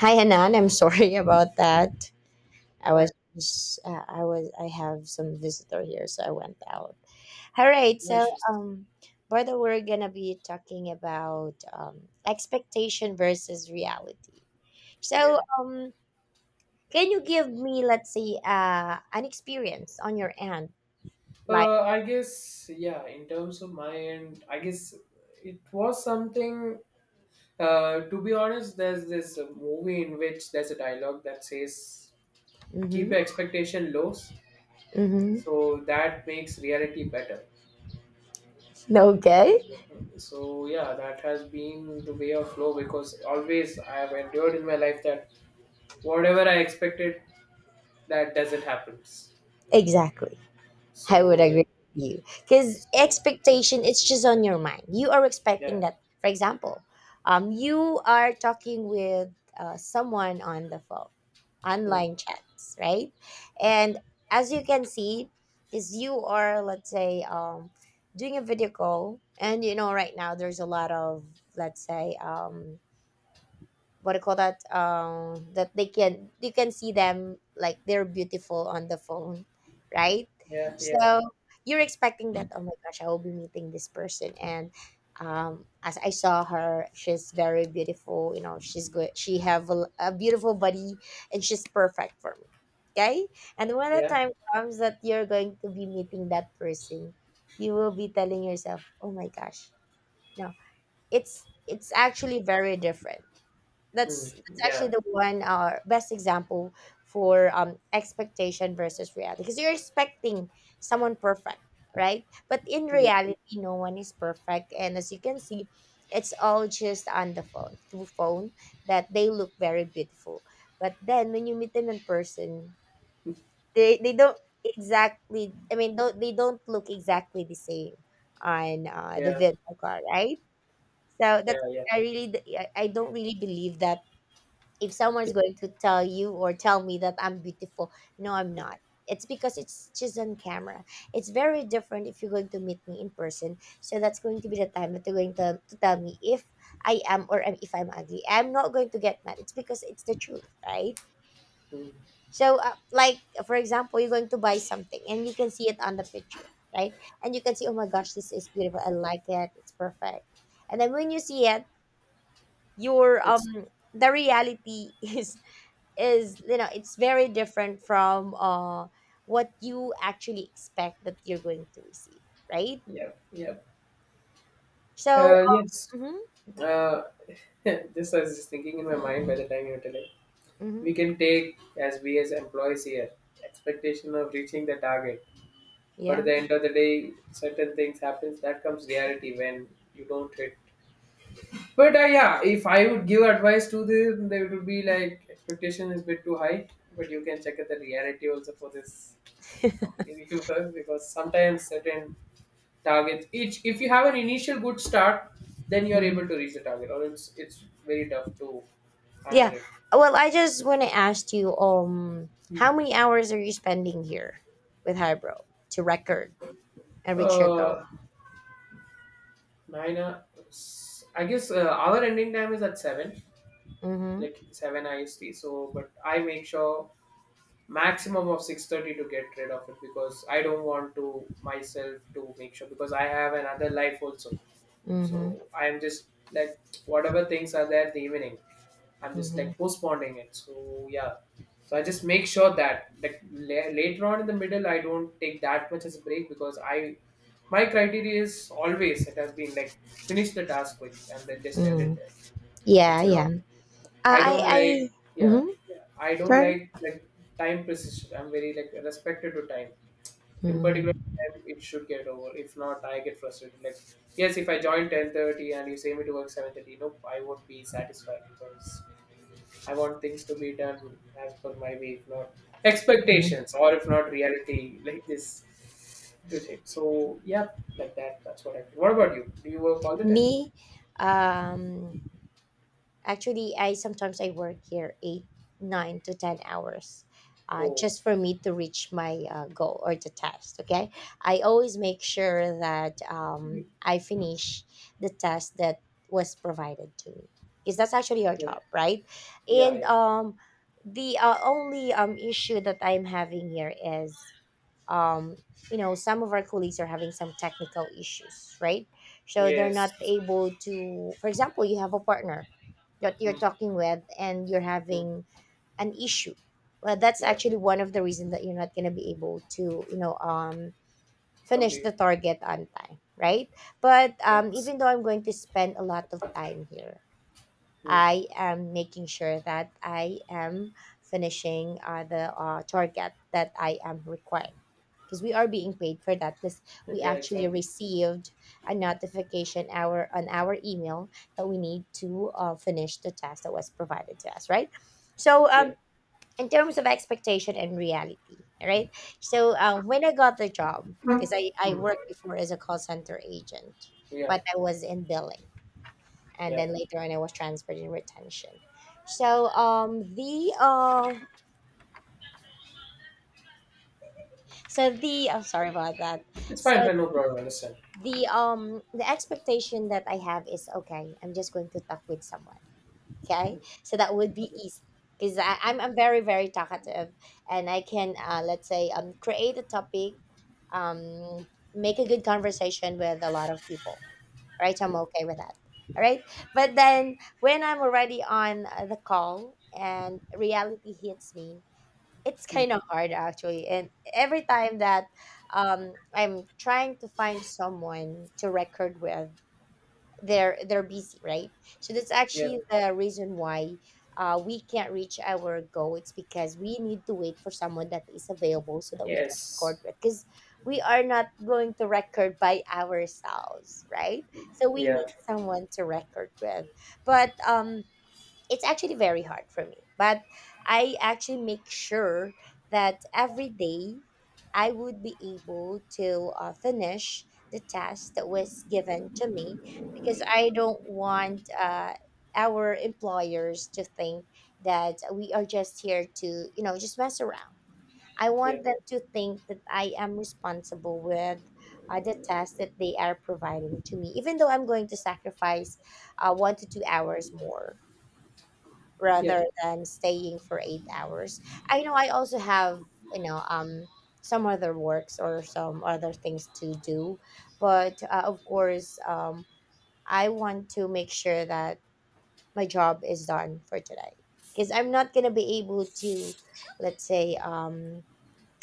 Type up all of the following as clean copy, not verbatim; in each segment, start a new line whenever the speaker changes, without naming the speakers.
Hi, Hanan. I'm sorry about that.
Right,
I was, I have some visitor here, so I went out. All right.
no issues.
Brother, we're gonna be talking about expectation versus reality. So,
Yeah.
um, can you give me, let's say, an experience on your end, like?
I guess, yeah, in terms of my end, I guess it was something, to be honest, there's this movie in which there's a dialogue that says, keep
Mm-hmm.
your expectation low,
Mm-hmm.
so that makes reality better. So,
Okay.
so yeah, that has been the way of flow because always I have endured in my life that whatever I expected, that doesn't happen.
Exactly. I would
So,
agree with you. Because
so yeah,
expectation, it's just on your mind. You are
yeah,
expecting that, for example, you are talking with someone on the phone,
hmm,
online chats, right? And as you can see, is you are, let's say, doing a video call, and right now there's a lot of, let's say, what do you call that, that they can, you can see them like they're beautiful on the phone, right?
yeah, yeah.
So you're expecting that, oh my gosh, I will be meeting this person, and as I saw her, she's very beautiful, she's good, she have a beautiful body, and she's perfect for me. Okay. And when the
Yeah.
time comes that you're going to be meeting that person, you will be telling yourself, oh my gosh, no, it's actually very different.
Mm.
That's actually
Yeah.
the one best example for expectation versus reality, because you're expecting someone perfect, right? But in
Yeah.
reality, no one is perfect, and as you can see, it's all just on the phone, through phone, that they look very beautiful. But then when you meet them in person, they don't exactly, I mean, don't, they don't look exactly the same on the
Yeah.
video call, right? So
Yeah.
that's,
Yeah.
I don't really believe that if someone is going to tell you or tell me that I'm beautiful, no, I'm not. It's because it's just on camera. It's very different if you're going to meet me in person. So that's going to be the time that you're going to tell me if I am or am, if I'm ugly. I'm not going to get mad. It's because it's the truth, right?
Mm.
So, like, for example, you're going to buy something and you can see it on the picture, right? And you can see, oh my gosh, this is beautiful. I like it. It's perfect. And then when you see it, your
It's
the reality is, it's very different from what you actually expect that you're going to receive, right?
Yeah. Yeah.
So.
Yes.
hmm
Uh, this I was just thinking in my mind by the time you were telling. We
hmm
can take as we as employees here expectation of reaching the target, but at
yeah.
the end of the day, certain things happens. That comes reality when you don't hit. But yeah, if I would give advice to them, they would be like expectation is a bit too high. But you can check at the reality also for this company we work because sometimes certain targets each if you have an initial good start, then you are
Hmm.
able to reach the target, or it's very tough to handle
Yeah.
it.
Well, I just want to ask you,
Hmm.
how many hours are you spending here with Hybro to record and reach your goal?
uh nine guess our ending time is at 7,
Mm-hmm.
like 7 ist, so but I make sure maximum of 6:30 to get rid of it because I don't want to myself to make sure because I have another life also. So
Mm-hmm.
I'm just like whatever things are there the evening I'm just
Mm-hmm.
like postponing it. So yeah, so I just make sure that like later on in the middle, I don't take that much as a break because I my criteria is always it has been like finish the task quick and then just end
Mm-hmm.
it there
Yeah,
instead of
yeah.
I don't
I
like yeah
Mm-hmm.
yeah, I don't
Sorry.
like time precision. I'm very like respected to time. In particular,
Mm-hmm.
time it should get over. If not, I get frustrated. Like yes, if I join 10:30 and you say me to work 7:30, nope, I won't be satisfied because I want things to be done as per my way, if not
Mm-hmm.
expectations, or if not reality, like this. Good hit. So yeah, like that. That's what I feel. What about you? Do you work all the time?
Me? um Actually, I sometimes I work here eight, 9 to 10 hours,
Oh,
just for me to reach my goal or the test. Okay, I always make sure that,
you-
I finish the test that was provided to me, because that's actually our
yeah,
job, right?
yeah,
And
yeah.
the only issue that I'm having here is, um, you know, some of our colleagues are having some technical issues, right? So they're not
Yes.
able to, for example, you have a partner that
Mm,
you're talking with and you're
mm,
having an issue. Well, that's
yeah.
actually one of the reasons that you're not going to be able to, finish
Completely.
the target on time, right? But
Yes.
even though I'm going to spend a lot of time here,
Mm,
I am making sure that I am finishing the target that I am required, because we are being paid for that. Because we
yeah.
actually
Exactly.
received a notification, our on our email, that we need to finish the task that was provided to us, right? So,
Yeah.
in terms of expectation and reality, right? So, when I got the job, because I
Mm,
worked before as a call center agent,
yeah.
but I was in billing, and
Yeah.
then later on I was transferred in retention. So the so the, I'm sorry about that.
It's fine.
So
Fine, no problem. Understand.
the expectation that I have is, okay, I'm just going to talk with someone. Okay, so that would be
Okay.
easy, because I'm very talkative, and I can, let's say, create a topic, um make a good conversation with a lot of people, right? I'm okay with that. All right. But then when I'm already on the call and reality hits me, it's
Mm,
kind of hard actually. And every time that, I'm trying to find someone to record with, they're busy, right? So that's
yeah.
actually the reason why we can't reach our goal. It's because we need to wait for someone that is available so that we can
Yes.
record with, because we are not going to record by ourselves, right? So we
Yeah.
need someone to record with. But it's actually very hard for me, but I actually make sure that every day I would be able to finish the task that was given to me, because I don't want our employers to think that we are just here to, just mess around. I
Yeah.
want them to think that I am responsible with the tasks that they are providing to me, even though I'm going to sacrifice 1 to 2 hours more
Yeah.
rather than staying for 8 hours. I know I also have, you know, um, some other works or some other things to do, but of course, I want to make sure that my job is done for today, because I'm not gonna be able to, let's say,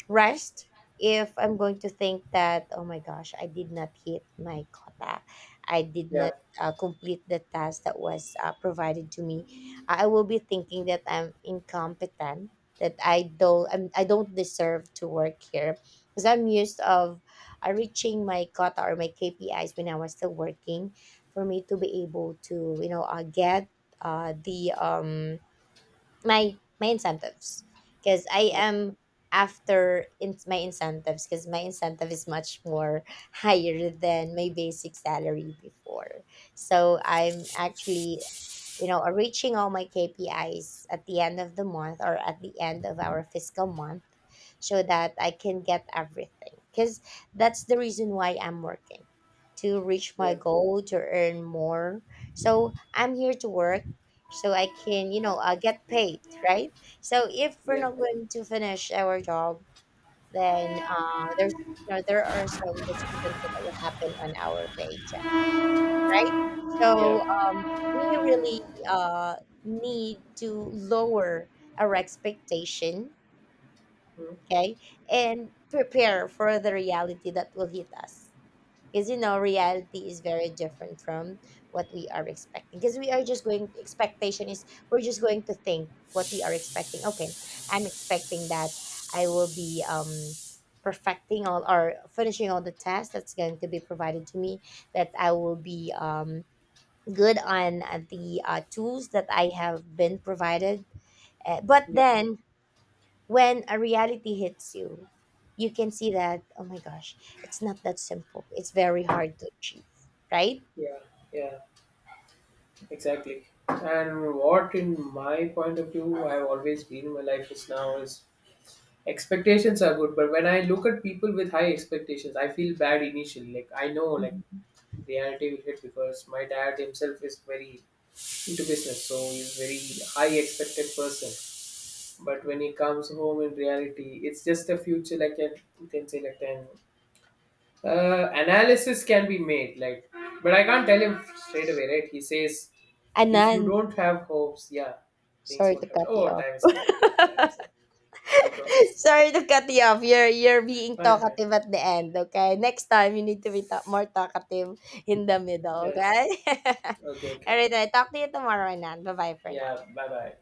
rest if I'm going to think that, oh my gosh, I did not hit my quota. I did
Yeah.
not complete the task that was provided to me. I will be thinking that I'm incompetent, that I don't deserve to work here, because I'm used of reaching my quota or my KPIs when I was still working, for me to be able to, get the my incentives, because I
Yeah.
am after in my incentives, because my incentive is much more higher than my basic salary before. So I'm actually, reaching all my KPIs at the end of the month or at the end of our fiscal month, so that I can get everything. Because that's the reason why I'm working, to reach my
Yeah.
goal, to earn more. So I'm here to work so I can, get paid, right? So if we're
Yeah.
not going to finish our job, then there's, you know, there are some discrepancies that will happen on our paycheck, right?
Hmm,
So,
yeah.
um, we really uh, need to lower our expectation, okay, and prepare for the reality that will hit us. Because, you know, reality is very different from what we are expecting, because we are just going, expectation is, we're just going to think what we are expecting. Okay, I'm expecting that I will be perfecting all or finishing all the tests that's going to be provided to me, that I will be good on the tools that I have been provided. But
Mm,
then, when a reality hits you, you can see that, oh my gosh, it's not that simple. It's very hard to achieve, right?
yeah, yeah, exactly. And what, in my point of view, I've always been in my life is now is expectations are good, but when I look at people with high expectations, I feel bad initially. Like I know, like reality will hit because my dad himself is very into business, so he's very high expected person. But when he comes home in reality, it's just a future. Like an, you can say, like an analysis can be made. Like, but I can't tell him straight away, right? He says if you
Anan,
don't have hopes, yeah, things
sorry
won't
to
happen.
cut you
Oh,
off.
time is up. Time's up. No problems.
Sorry to cut you off. You're being
Fine, fine.
talkative at the end, okay? Next time you need to be more talkative in the middle,
Yeah, sure.
okay?
Okay,
All
okay.
right, I talk to you tomorrow, Anan. Bye-bye for
Yeah,
now.
bye bye.